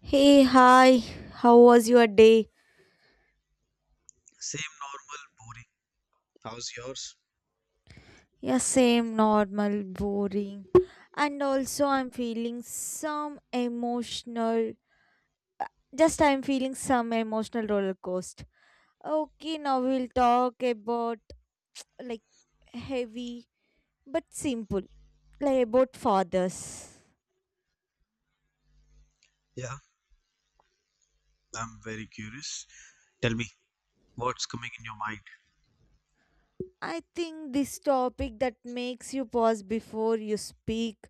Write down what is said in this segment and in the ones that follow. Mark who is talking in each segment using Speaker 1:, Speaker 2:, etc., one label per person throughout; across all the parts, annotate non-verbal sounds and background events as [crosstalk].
Speaker 1: Hey, hi, how was your day?
Speaker 2: Same normal, boring. How's yours?
Speaker 1: Yeah, same normal, boring. And also, I'm feeling some emotional. Just I'm feeling some emotional roller coaster. Okay, now we'll talk about like heavy but simple, like about fathers.
Speaker 2: Yeah, I'm very curious. Tell me, what's coming in your mind?
Speaker 1: I think this topic that makes you pause before you speak,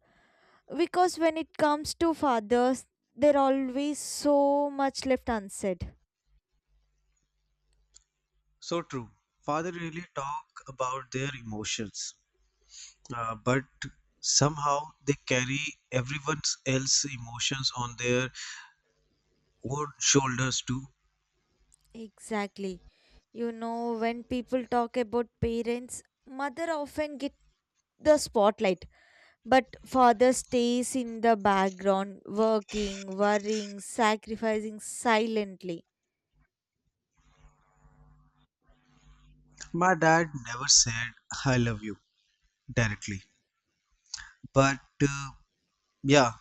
Speaker 1: because when it comes to fathers, there always so much left unsaid.
Speaker 2: So true. Father really talk about their emotions, but somehow they carry everyone else's emotions on their own shoulders too.
Speaker 1: Exactly. When people talk about parents, mother often get the spotlight, but father stays in the background, working, worrying, sacrificing silently.
Speaker 2: My dad never said "I love you" directly, but uh, yeah,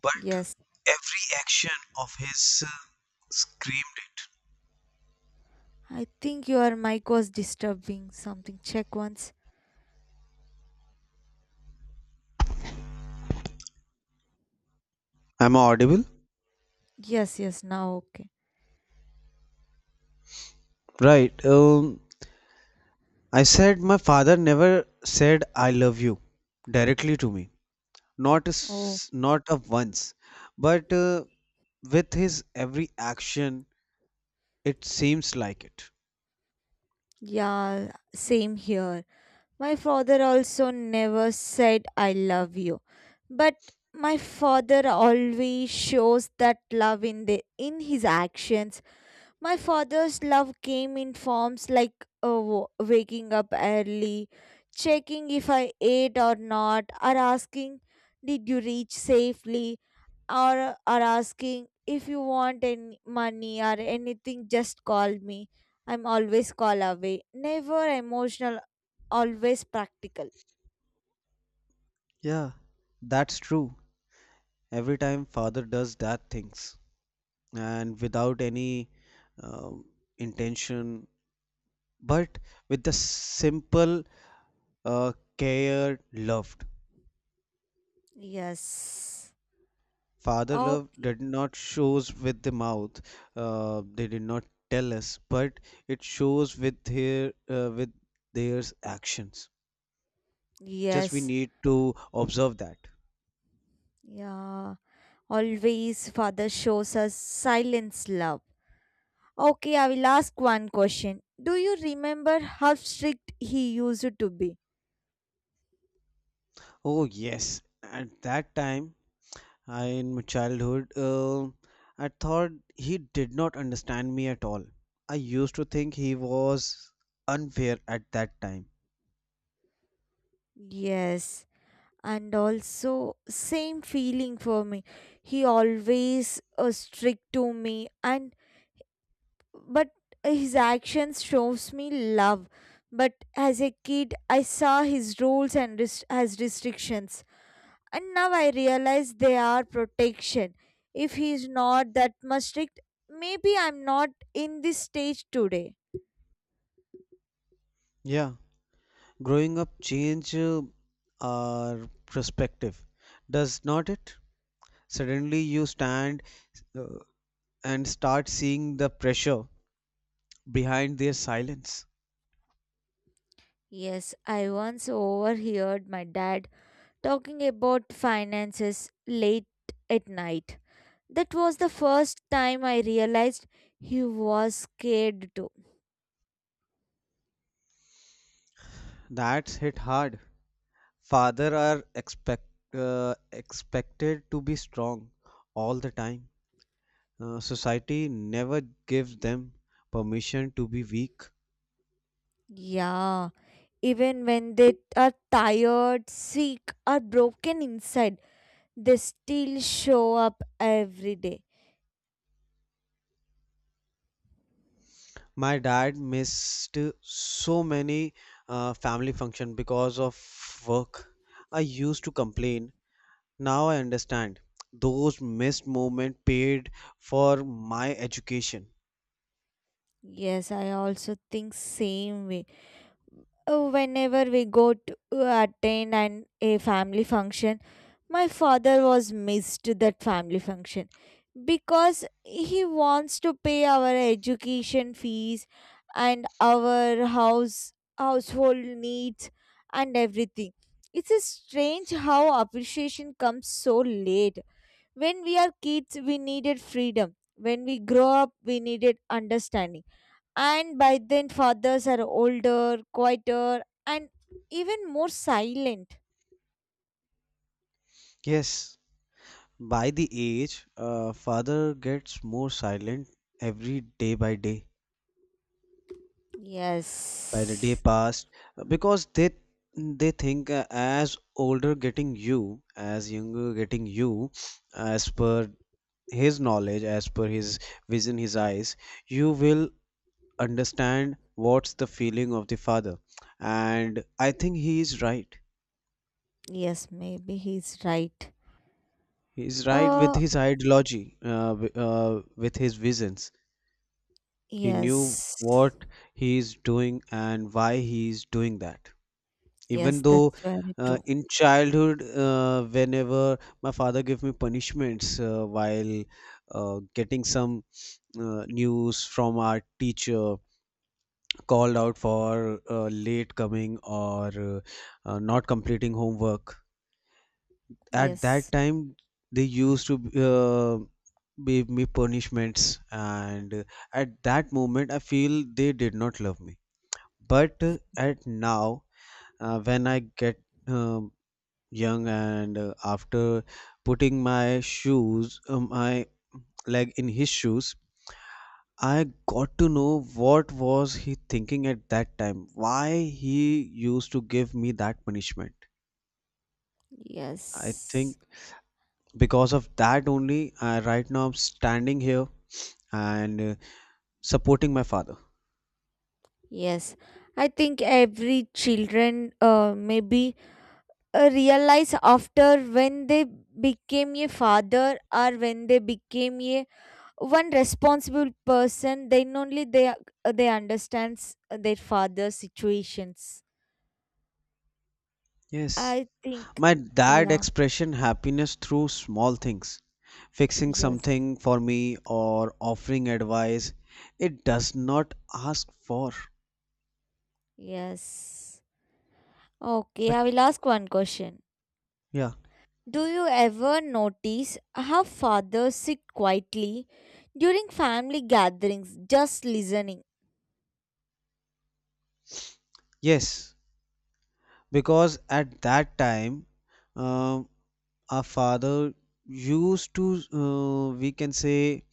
Speaker 2: but
Speaker 1: Yes,
Speaker 2: every action of his uh, screamed it.
Speaker 1: I think your mic was disturbing something. Check once.
Speaker 2: Am I audible?
Speaker 1: Yes, yes, now okay.
Speaker 2: Right. I said my father never said I love you directly to me, not a
Speaker 1: Oh,
Speaker 2: once, but with his every action, it seems like it.
Speaker 1: yeah, same here. My father also never said I love you, but my father always shows that love in his actions. My father's love came in forms like waking up early, checking if I ate or not, or asking, "Did you reach safely?" or are asking if you want any money or anything. Just call me. I'm always call away, never emotional, always practical.
Speaker 2: Yeah, that's true. Every time father does that things and without any um intention, but with the simple uh, care loved.
Speaker 1: Yes.
Speaker 2: Father love
Speaker 1: Okay.
Speaker 2: did not shows with the mouth. They did not tell us, but it shows with their actions. Just we
Speaker 1: Yes.
Speaker 2: need to observe that.
Speaker 1: Yeah. Always father shows us silence love. Okay, I will ask one question. Do you remember how strict he used to be?
Speaker 2: Oh yes, at that time I, in my childhood, I thought he did not understand me at all. I used to think he was unfair at that time.
Speaker 1: Yes, and also same feeling for me. He always strict to me, and but his actions shows me love. But as a kid I saw his rules and as restrictions, and now I realize they are protection. If he's not that much strict, maybe I'm not in this stage today.
Speaker 2: Yeah, growing up change our perspective, does not it? Suddenly you stand uh, and start seeing the pressure behind their silence.
Speaker 1: Yes, I once overheard my dad talking about finances late at night. That was the first time I realized he was scared too.
Speaker 2: That's hit hard. Father are uh, expected to be strong all the time. Society never gives them permission to be weak.
Speaker 1: Yeah, even when they are tired, sick or broken inside, they still show up every day.
Speaker 2: My dad missed so many family function because of work. I used to complain. Now I understand. Those missed moments paid for my education.
Speaker 1: Yes, I also think same way. Whenever we go to attend an a family function, my father was missed that family function because he wants to pay our education fees and our house household needs and everything. It's a strange how appreciation comes so late. When we are kids, we needed freedom. When we grow up, we needed understanding, and by then, fathers are older, quieter, and even more silent.
Speaker 2: Yes, by the age, father gets more silent every day by day, by the day
Speaker 1: Yes.
Speaker 2: passed, because they think as older getting you, as younger getting you, as per his knowledge, as per his vision, his eyes, you will understand what's the feeling of the father. And I think he is right.
Speaker 1: Yes, maybe he's right.
Speaker 2: He is right with
Speaker 1: Uh,
Speaker 2: his ideology, with his visions. He knew
Speaker 1: yes.
Speaker 2: what he is doing and why he is doing that. Even
Speaker 1: Yes,
Speaker 2: though
Speaker 1: that's very true.
Speaker 2: in childhood, whenever my father gave me punishments while getting some news from our teacher, called out for late coming or not completing homework, at that
Speaker 1: Yes.
Speaker 2: time they used to uh, give me punishments, and at that moment I feel they did not love me, but at now, when I get um, young and after putting my shoes, my leg in his shoes, I got to know what was he thinking at that time, why he used to give me that punishment. I think
Speaker 1: Yes.
Speaker 2: because of that only, I right now I'm standing here and supporting my father.
Speaker 1: Yes. I think every children maybe realize after, when they became a father, or when they became a one responsible person, then only they understands their father's situations,
Speaker 2: Yes.
Speaker 1: I think.
Speaker 2: My dad
Speaker 1: Yeah.
Speaker 2: expression happiness through small things, fixing
Speaker 1: Yes.
Speaker 2: something for me or offering advice. It does not ask for.
Speaker 1: Yes. Okay,
Speaker 2: But
Speaker 1: I will ask one question.
Speaker 2: yeah,
Speaker 1: Do you ever notice how fathers sit quietly during family gatherings, just listening?
Speaker 2: yes, because at that time, um our father used to, we can say,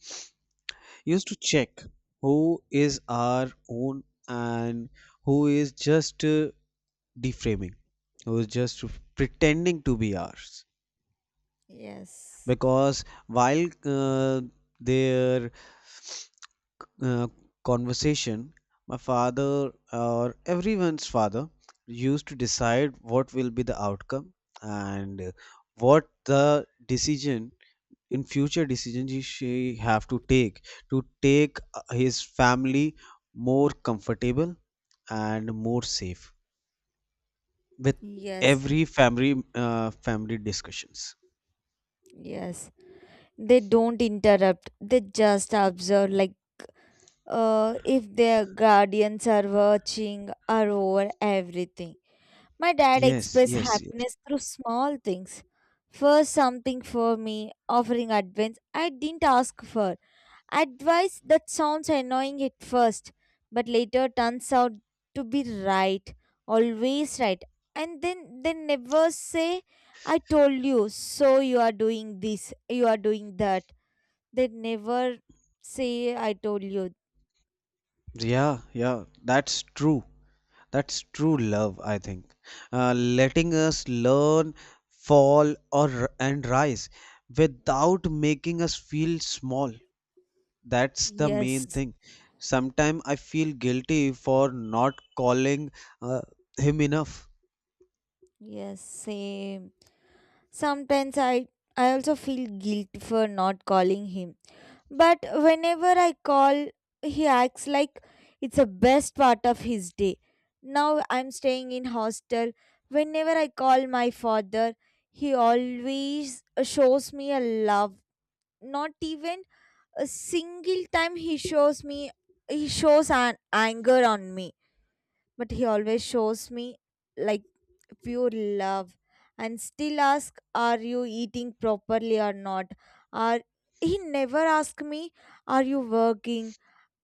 Speaker 2: used to check who is our own and who is just deframing, who's just pretending to be ours,
Speaker 1: Yes,
Speaker 2: because while their uh, conversation, my father or everyone's father used to decide what will be the outcome and what the decision, in future decisions he she have to take, to take his family more comfortable and more safe with
Speaker 1: yes,
Speaker 2: every family discussions.
Speaker 1: yes, they don't interrupt, they just observe, like if their guardians are watching or over everything. My dad
Speaker 2: Yes,
Speaker 1: expressed
Speaker 2: yes, yes.
Speaker 1: happiness through small things. First, something for me, offering advice I didn't ask for. Advice that sounds annoying at first, but later turns out to be right, always right. And then they never say, I told you, so you are doing this, you are doing that. They never say, I told you.
Speaker 2: Yeah, yeah, that's true. That's true love, I think. Letting us learn, fall, or and rise without making us feel small. That's the main
Speaker 1: Yes.
Speaker 2: thing. Sometimes I feel guilty for not calling uh, him enough.
Speaker 1: Yes, same. Sometimes I also feel guilty for not calling him. But whenever I call, he acts like it's the best part of his day. Now I'm staying in hostel. Whenever I call my father, he always shows me a love. Not even a single time he shows an anger on me, but he always shows me like pure love, and still ask are you eating properly or not. Are He never asked me are you working,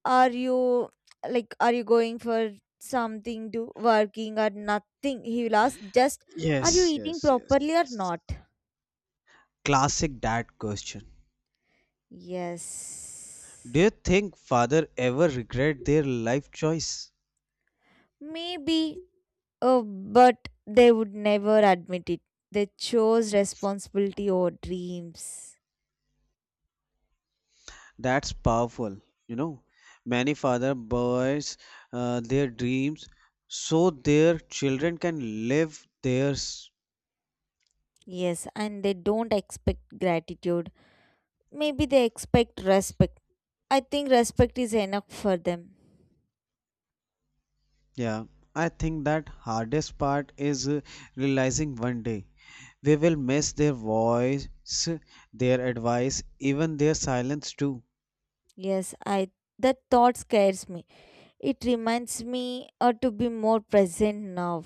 Speaker 1: are you, are you going for something to working, or nothing. He will ask just, are you
Speaker 2: Yes,
Speaker 1: eating
Speaker 2: yes, yes.
Speaker 1: properly or not.
Speaker 2: Classic dad question.
Speaker 1: Yes,
Speaker 2: Do you think father ever regret their life choice?
Speaker 1: maybe, but they would never admit it. They chose responsibility or dreams.
Speaker 2: That's powerful. You know, many father buys their dreams so their children can live theirs.
Speaker 1: Yes, and they don't expect gratitude. Maybe they expect respect. I think respect is enough for them.
Speaker 2: Yeah, I think that hardest part is realizing one day we will miss their voice, their advice, even their silence too.
Speaker 1: Yes, I that thought scares me. It reminds me to be more present now.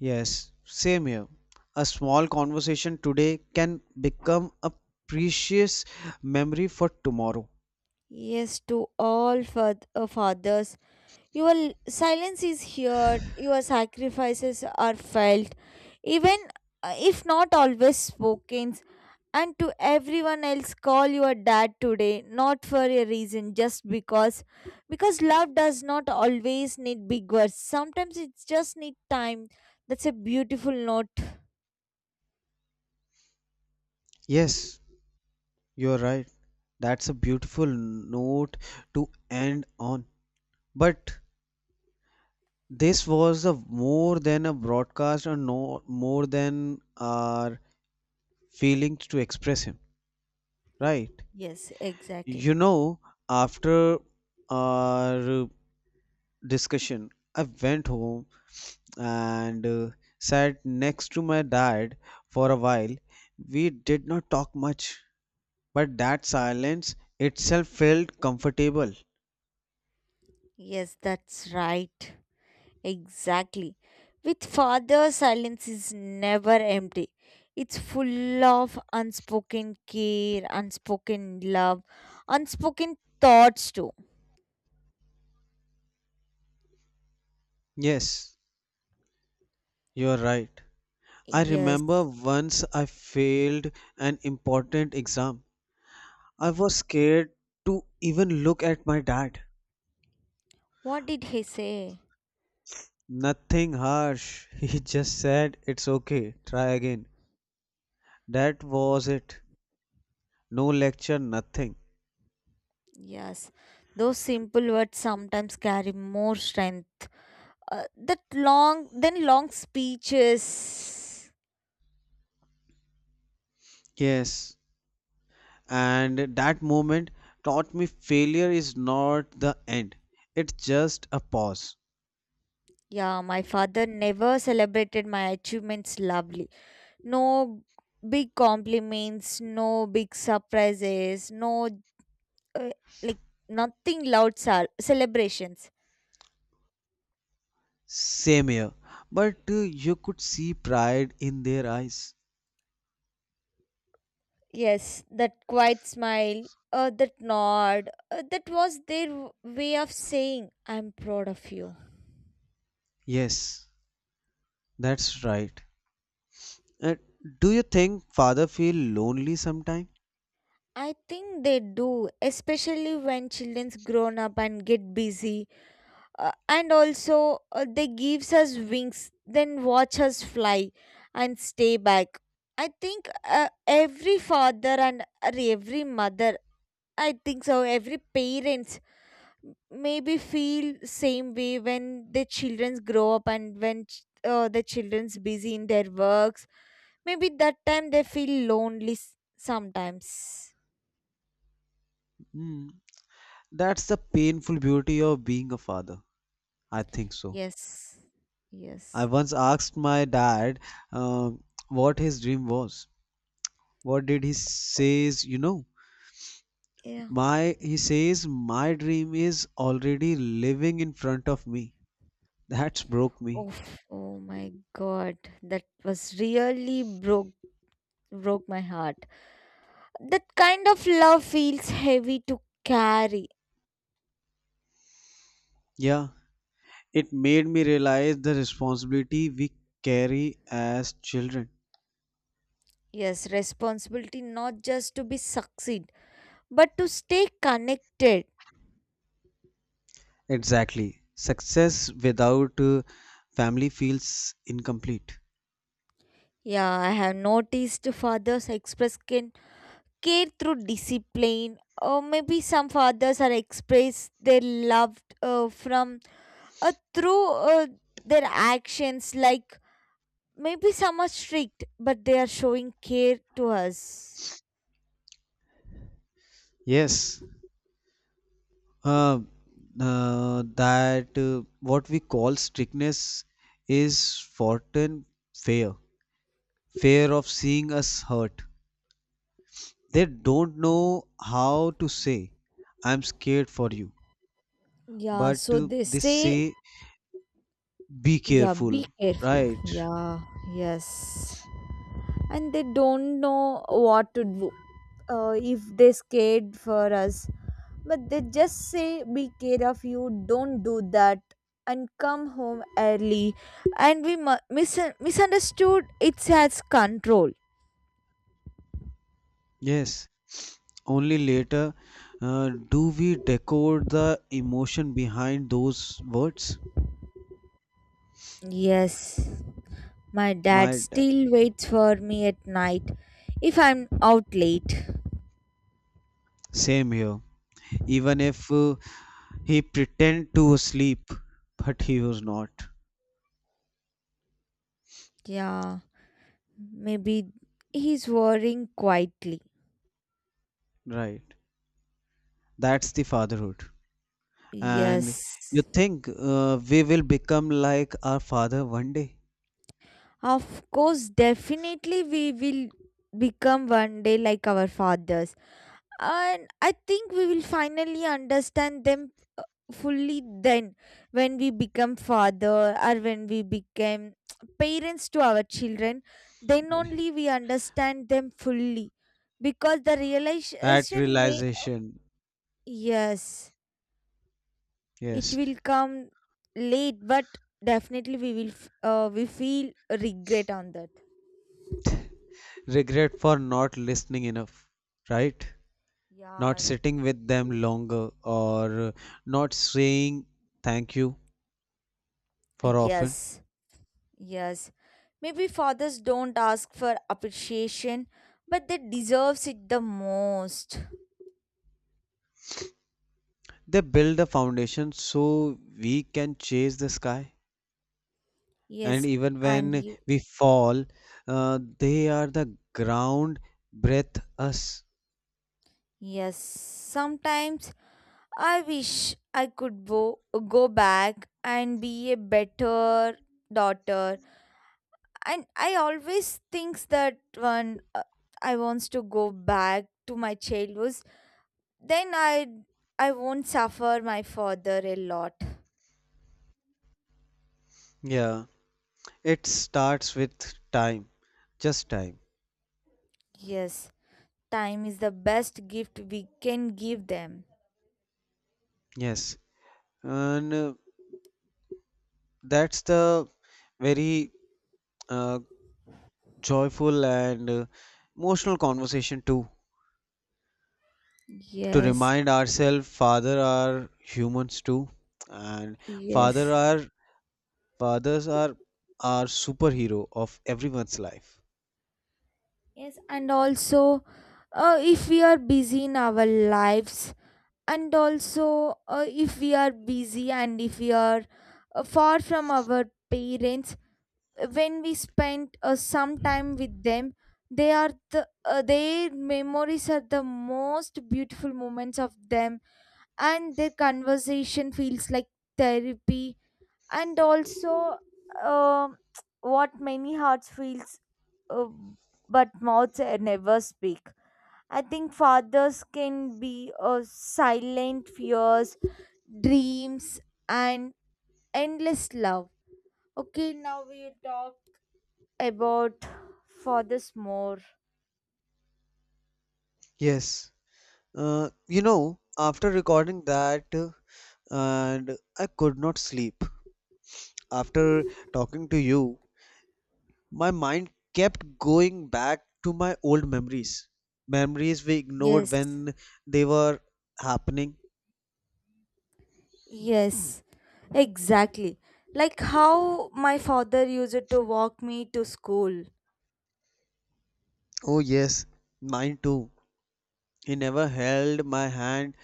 Speaker 2: Yes, same here. A small conversation today can become a precious memory for tomorrow.
Speaker 1: Yes, to all fathers, your silence is heard, your sacrifices are felt, even if not always spoken. And to everyone else, call your dad today, not for a reason, just because. Because love does not always need big words, sometimes it just needs time. That's a beautiful note.
Speaker 2: Yes, you're right. That's a beautiful note to end on. But this was a more than a broadcast or no more than our feelings to express him, right?
Speaker 1: Yes, exactly.
Speaker 2: You know, after our discussion. I went home and sat next to my dad for a while. We did not talk much, but that silence itself felt comfortable.
Speaker 1: Yes, that's right. Exactly. With father, silence is never empty. It's full of unspoken care, unspoken love, unspoken thoughts too.
Speaker 2: Yes, you're right. I
Speaker 1: Yes.
Speaker 2: remember once I failed an important exam. I was scared to even look at my dad.
Speaker 1: What did he say?
Speaker 2: Nothing harsh. [laughs] He just said, "It's okay, try again." That was it. No lecture, nothing.
Speaker 1: Yes, those simple words sometimes carry more strength. That long, then long speeches.
Speaker 2: Yes, and that moment taught me failure is not the end, it's just a pause.
Speaker 1: Yeah, my father never celebrated my achievements loudly. No big compliments, no big surprises, no uh, like nothing loud celebrations.
Speaker 2: Same here, but you could see pride in their eyes.
Speaker 1: Yes, that quiet smile, that nod, that was their way of saying, I'm proud of you.
Speaker 2: Yes, that's right. Uh, do you think father feel lonely sometime?
Speaker 1: I think they do, especially when children's grown up and get busy. And also, they gives us wings, then watch us fly and stay back. I think every father and or every mother, I think so, every parents maybe feel same way when their childrens grow up, and when the children's busy in their works. Maybe that time they feel lonely sometimes.
Speaker 2: Hmm, that's the painful beauty of being a father. I think so.
Speaker 1: Yes.
Speaker 2: I
Speaker 1: Yes.
Speaker 2: once asked my dad um what his dream was. What did he
Speaker 1: Oh.
Speaker 2: says? You know,
Speaker 1: Yeah.
Speaker 2: My he says my dream is already living in front of me. That's broke me.
Speaker 1: Oh, oh my God. That was really broke my heart. That kind of love feels heavy to carry.
Speaker 2: Yeah, it made me realize the responsibility we carry as children.
Speaker 1: Yes, responsibility not just to be succeed, but to stay connected.
Speaker 2: Exactly. Success without family feels incomplete.
Speaker 1: Yeah, I have noticed fathers express can care through discipline, or maybe some fathers are express their love from through their actions, like. Maybe some are strict, but they are showing care to us.
Speaker 2: Yes. Uh, that what we call strictness is forgotten fear. Fear of seeing us hurt. They don't know how to say, "I'm scared for you,"
Speaker 1: Yeah,
Speaker 2: but
Speaker 1: so they
Speaker 2: they
Speaker 1: say,
Speaker 2: say, "Be
Speaker 1: yeah,
Speaker 2: careful,"
Speaker 1: be careful.
Speaker 2: right?
Speaker 1: Yeah, yes. And they don't know what to do if they scared for us. But they just say, be care of you, don't do that, and come home early. And we misunderstood it as control.
Speaker 2: Yes, only later do we decode the emotion behind those words.
Speaker 1: Yes. My dad
Speaker 2: My d-
Speaker 1: still waits for me at night if I'm out late.
Speaker 2: same here. Even if he pretend to sleep, but he was not.
Speaker 1: Yeah, maybe he's worrying quietly.
Speaker 2: Right. That's the fatherhood.
Speaker 1: Yes.
Speaker 2: And you think we will become like our father one day?
Speaker 1: Of course, definitely we will become one day like our fathers. And I think we will finally understand them fully then, when we become father or when we became [tsk] parents to our children. Then only we understand them fully, because the
Speaker 2: That
Speaker 1: realization may,
Speaker 2: realization,
Speaker 1: yes, it
Speaker 2: yes.
Speaker 1: will come late. But definitely we will we feel regret on that.
Speaker 2: Regret for not listening enough, right? Not
Speaker 1: Yeah.
Speaker 2: sitting with them longer, or not saying thank you for often.
Speaker 1: Yes. Yes, maybe fathers don't ask for appreciation, but they deserves it the most.
Speaker 2: They build a foundation so we can chase the sky. And
Speaker 1: Yes,
Speaker 2: even
Speaker 1: and
Speaker 2: when
Speaker 1: you.
Speaker 2: we fall, they are the ground breath us.
Speaker 1: Yes, sometimes I wish I could go back and be a better daughter. And I always thinks that when I wants to go back to my childhood, then I won't suffer my father a lot.
Speaker 2: Yeah, it starts with time, just time.
Speaker 1: Yes, time is the best gift we can give them.
Speaker 2: Yes, and that's the very uh, joyful and emotional conversation too, to
Speaker 1: Yes,
Speaker 2: remind ourselves father are humans too, and father
Speaker 1: yes,
Speaker 2: are fathers are our superhero of everyone's life.
Speaker 1: yes, and also, if we are busy in our lives, and also if we are busy, and if we are far from our parents. When we spend some time with them, they are the their memories are the most beautiful moments of them, and their conversation feels like therapy. And also um [tsk] what many hearts feels uh, but mouths never speak. I think fathers can be uh, silent fears, dreams and endless love. Okay, now we will talk about fathers more.
Speaker 2: Yes, you know, after recording that, and I could not sleep after talking to you. My mind kept going back to my old memories, memories we ignored
Speaker 1: Yes,
Speaker 2: when they were happening.
Speaker 1: yes, exactly, like how my father used to walk me to school.
Speaker 2: Oh yes, mine too. He never held my hand,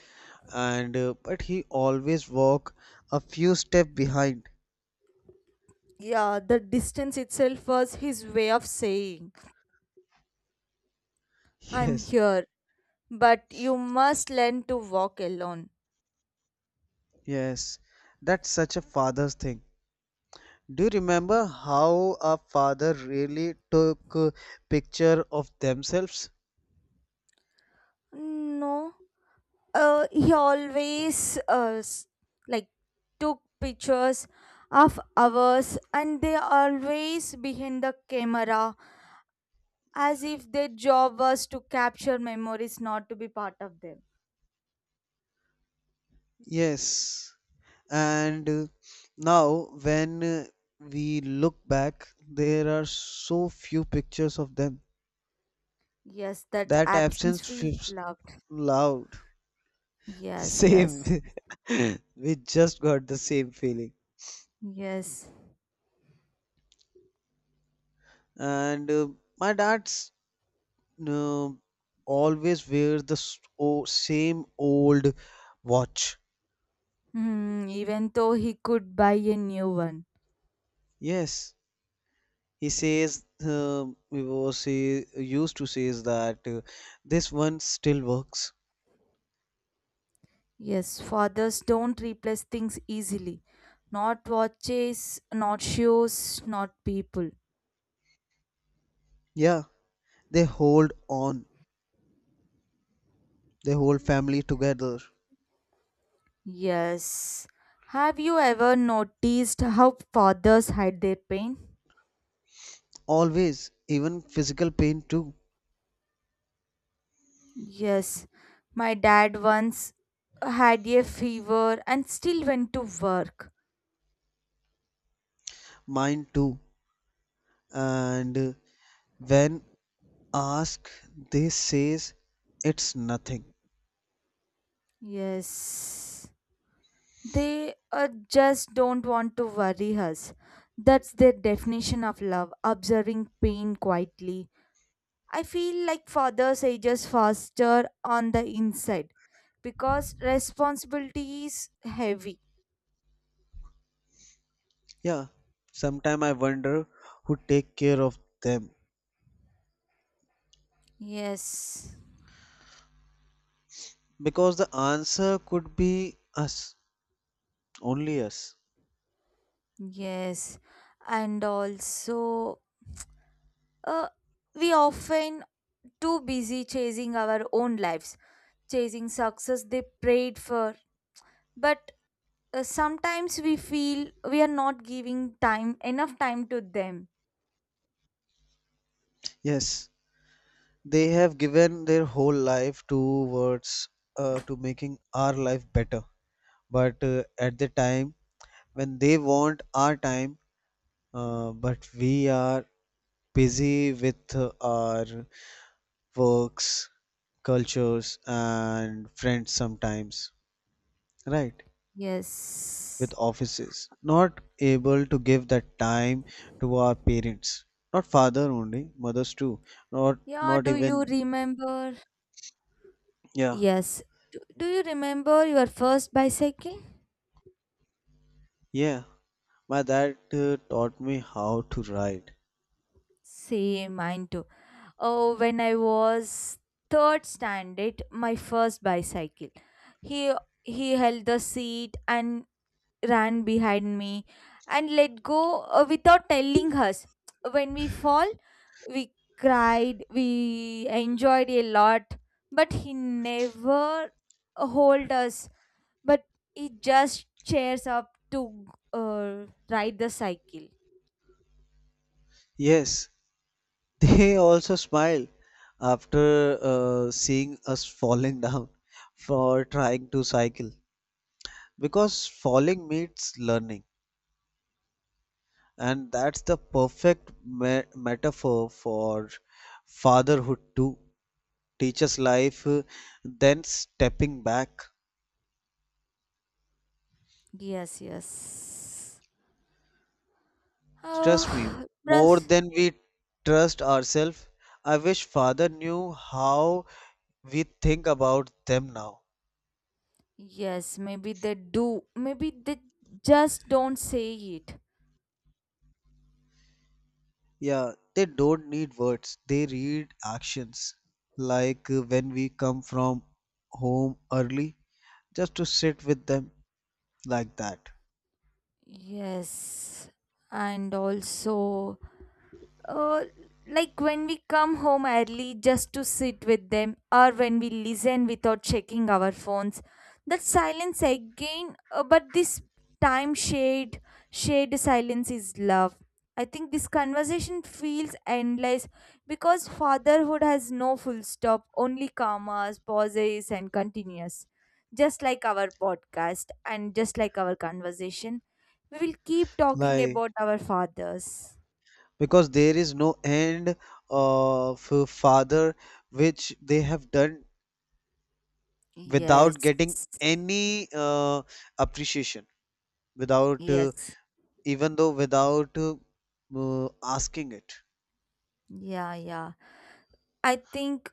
Speaker 2: and but he always walked a few steps behind.
Speaker 1: Yeah, the distance itself was his way of saying,
Speaker 2: [laughs]
Speaker 1: I'm
Speaker 2: Yes,
Speaker 1: here, but you must learn to walk alone.
Speaker 2: yes. That's such a father's thing. Do you remember how a father really took a picture of themselves?
Speaker 1: No, he always like took pictures of ours, and they always behind the camera, as if their job was to capture memories, not to be part of them.
Speaker 2: Yes. And now when we look back, there are so few pictures of them.
Speaker 1: Yes, that
Speaker 2: That
Speaker 1: absence
Speaker 2: absence
Speaker 1: feels
Speaker 2: feels
Speaker 1: loved.
Speaker 2: loud.
Speaker 1: Yes,
Speaker 2: Same.
Speaker 1: yes,
Speaker 2: [laughs] we just got the same feeling.
Speaker 1: yes.
Speaker 2: And my dad's uh, always wears the same old watch.
Speaker 1: Hmm, even though he could buy a new one.
Speaker 2: Yes, he says he used to says that this one still works.
Speaker 1: Yes, fathers don't replace things easily. Not watches, not shoes, not people.
Speaker 2: Yeah, they hold on. They hold family together
Speaker 1: Yes. Have you ever noticed how fathers hide their pain?
Speaker 2: always. Even physical pain too,
Speaker 1: Yes. My dad once had a fever and still went to work.
Speaker 2: mine too. And when ask they says it's nothing.
Speaker 1: Yes. They just don't want to worry us. That's their definition of love, observing pain quietly. I feel like fathers ages faster on the inside because responsibility is heavy.
Speaker 2: Yeah, sometime I wonder who take care of them,
Speaker 1: Yes,
Speaker 2: because the answer could be us, only us.
Speaker 1: yes. And also, uh, we often too busy chasing our own lives, chasing success they prayed for. But sometimes we feel we are not giving time enough time to them.
Speaker 2: Yes, they have given their whole life towards, to making our life better, but at the time when they want our time, but we are busy with our works, cultures and friends sometimes, right?
Speaker 1: Yes.
Speaker 2: With offices, not able to give that time to our parents, not father only, mothers too, not
Speaker 1: Yeah,
Speaker 2: not
Speaker 1: do you
Speaker 2: even.
Speaker 1: remember.
Speaker 2: Yeah,
Speaker 1: Yes. Do you remember your first bicycle?
Speaker 2: yeah, my dad taught me how to ride.
Speaker 1: Same, mine too. Oh, when I was third standard, my first bicycle. He he held the seat and ran behind me and let go without telling us. When we fall, we cried, we enjoyed a lot, but he never hold us. But it just cheers up to ride the cycle.
Speaker 2: Yes, [laughs] they also smile after seeing us falling [laughs] down for trying to cycle, because falling means learning, and that's the perfect metaphor for fatherhood too, teacher's life than stepping back.
Speaker 1: Yes, yes.
Speaker 2: Trust me,
Speaker 1: Oh. [sighs]
Speaker 2: more
Speaker 1: Plus.
Speaker 2: than we trust ourselves. I wish father knew how we think about them now.
Speaker 1: Yes, maybe they do, maybe they just don't say it.
Speaker 2: Yeah, they don't need words, they read actions. Like when we come from home early, just to sit with them like that.
Speaker 1: Yes, and also uh, like when we come home early just to sit with them, or when we listen without checking our phones. That silence again, but this time shade silence is love. I think this conversation feels endless, because fatherhood has no full stop, only commas, pauses and continuous, just like our podcast and just like our conversation. We will keep talking
Speaker 2: Like,
Speaker 1: about our fathers.
Speaker 2: because there is no end of father, which they have done without
Speaker 1: Yes.
Speaker 2: getting any appreciation, without
Speaker 1: Yes.
Speaker 2: even though without asking it.
Speaker 1: Yeah, yeah. I think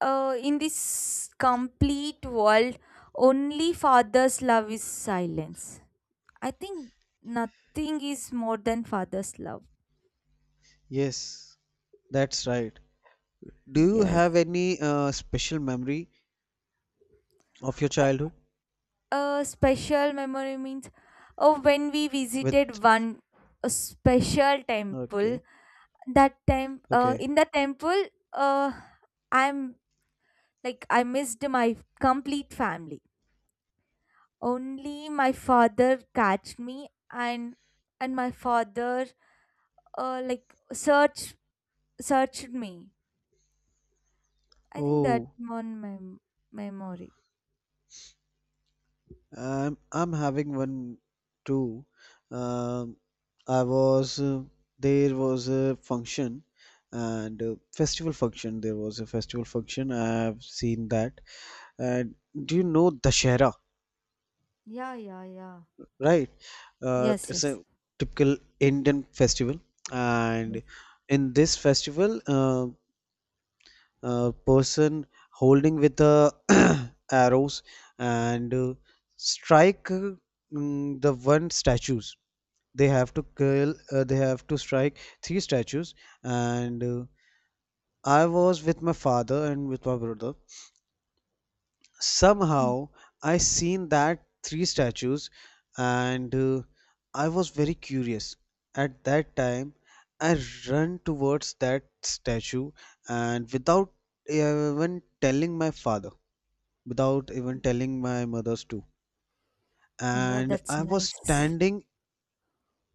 Speaker 1: in this complete world, only father's love is silence. I think nothing is more than father's love.
Speaker 2: Yes, that's right. Do you
Speaker 1: Yes.
Speaker 2: have any special memory of your
Speaker 1: A
Speaker 2: childhood
Speaker 1: a special memory means, oh, when we
Speaker 2: with?
Speaker 1: visited one a special temple,
Speaker 2: Okay,
Speaker 1: that time,
Speaker 2: okay.
Speaker 1: in the temple, uh, I'm like, I missed my complete family, only my father catched me, and my father like searched me, I think, that
Speaker 2: Oh,
Speaker 1: on my memory.
Speaker 2: I'm having one too. Um, I was there was a function and festival function. There was a festival function. I have seen that. And do you know Dashera,
Speaker 1: Yeah, yeah, yeah.
Speaker 2: right?
Speaker 1: Yes,
Speaker 2: It's
Speaker 1: yes,
Speaker 2: a typical Indian festival,
Speaker 1: yes.
Speaker 2: and in this festival, a person holding with the [coughs] [clears throat] arrows and strike, the one statues. They have to kill. They have to strike three statues, and I was with my father and with my brother.
Speaker 1: Mm.
Speaker 2: Somehow I seen that three statues, and I was very curious. At that time I run towards that statue, and without even telling my father, without even telling my mother's too,
Speaker 1: Yeah,
Speaker 2: and
Speaker 1: that's
Speaker 2: I was
Speaker 1: nice.
Speaker 2: standing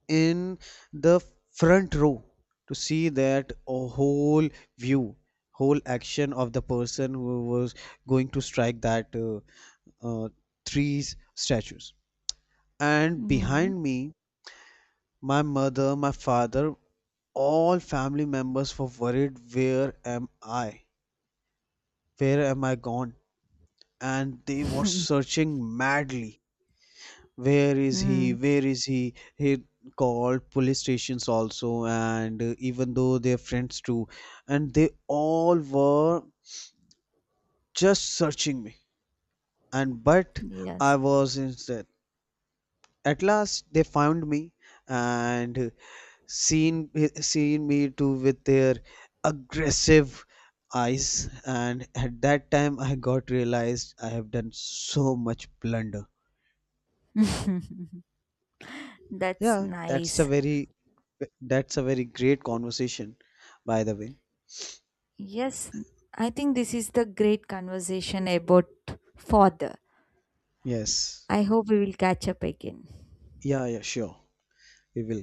Speaker 2: in the front row to see that whole view, whole action of the person who was going to strike that uh, three statues. And
Speaker 1: Mm.
Speaker 2: behind me, my mother, my father, all family members were worried, where am I, where am I gone, and they were
Speaker 1: [laughs]
Speaker 2: searching madly, where is he,
Speaker 1: Mm.
Speaker 2: where is he called police stations also, and even though they're friends too, and they all were just searching me, and but
Speaker 1: Yes.
Speaker 2: I was instead. At last they found me, and seen seen me too with their aggressive eyes, and at that time I got realized I have done so much blunder.
Speaker 1: [laughs] That's
Speaker 2: Yeah, that's
Speaker 1: nice.
Speaker 2: a very, great conversation, by the way.
Speaker 1: Yes, I think this is the great conversation about father.
Speaker 2: Yes.
Speaker 1: I hope we will catch up again.
Speaker 2: Yeah, yeah, sure. We will.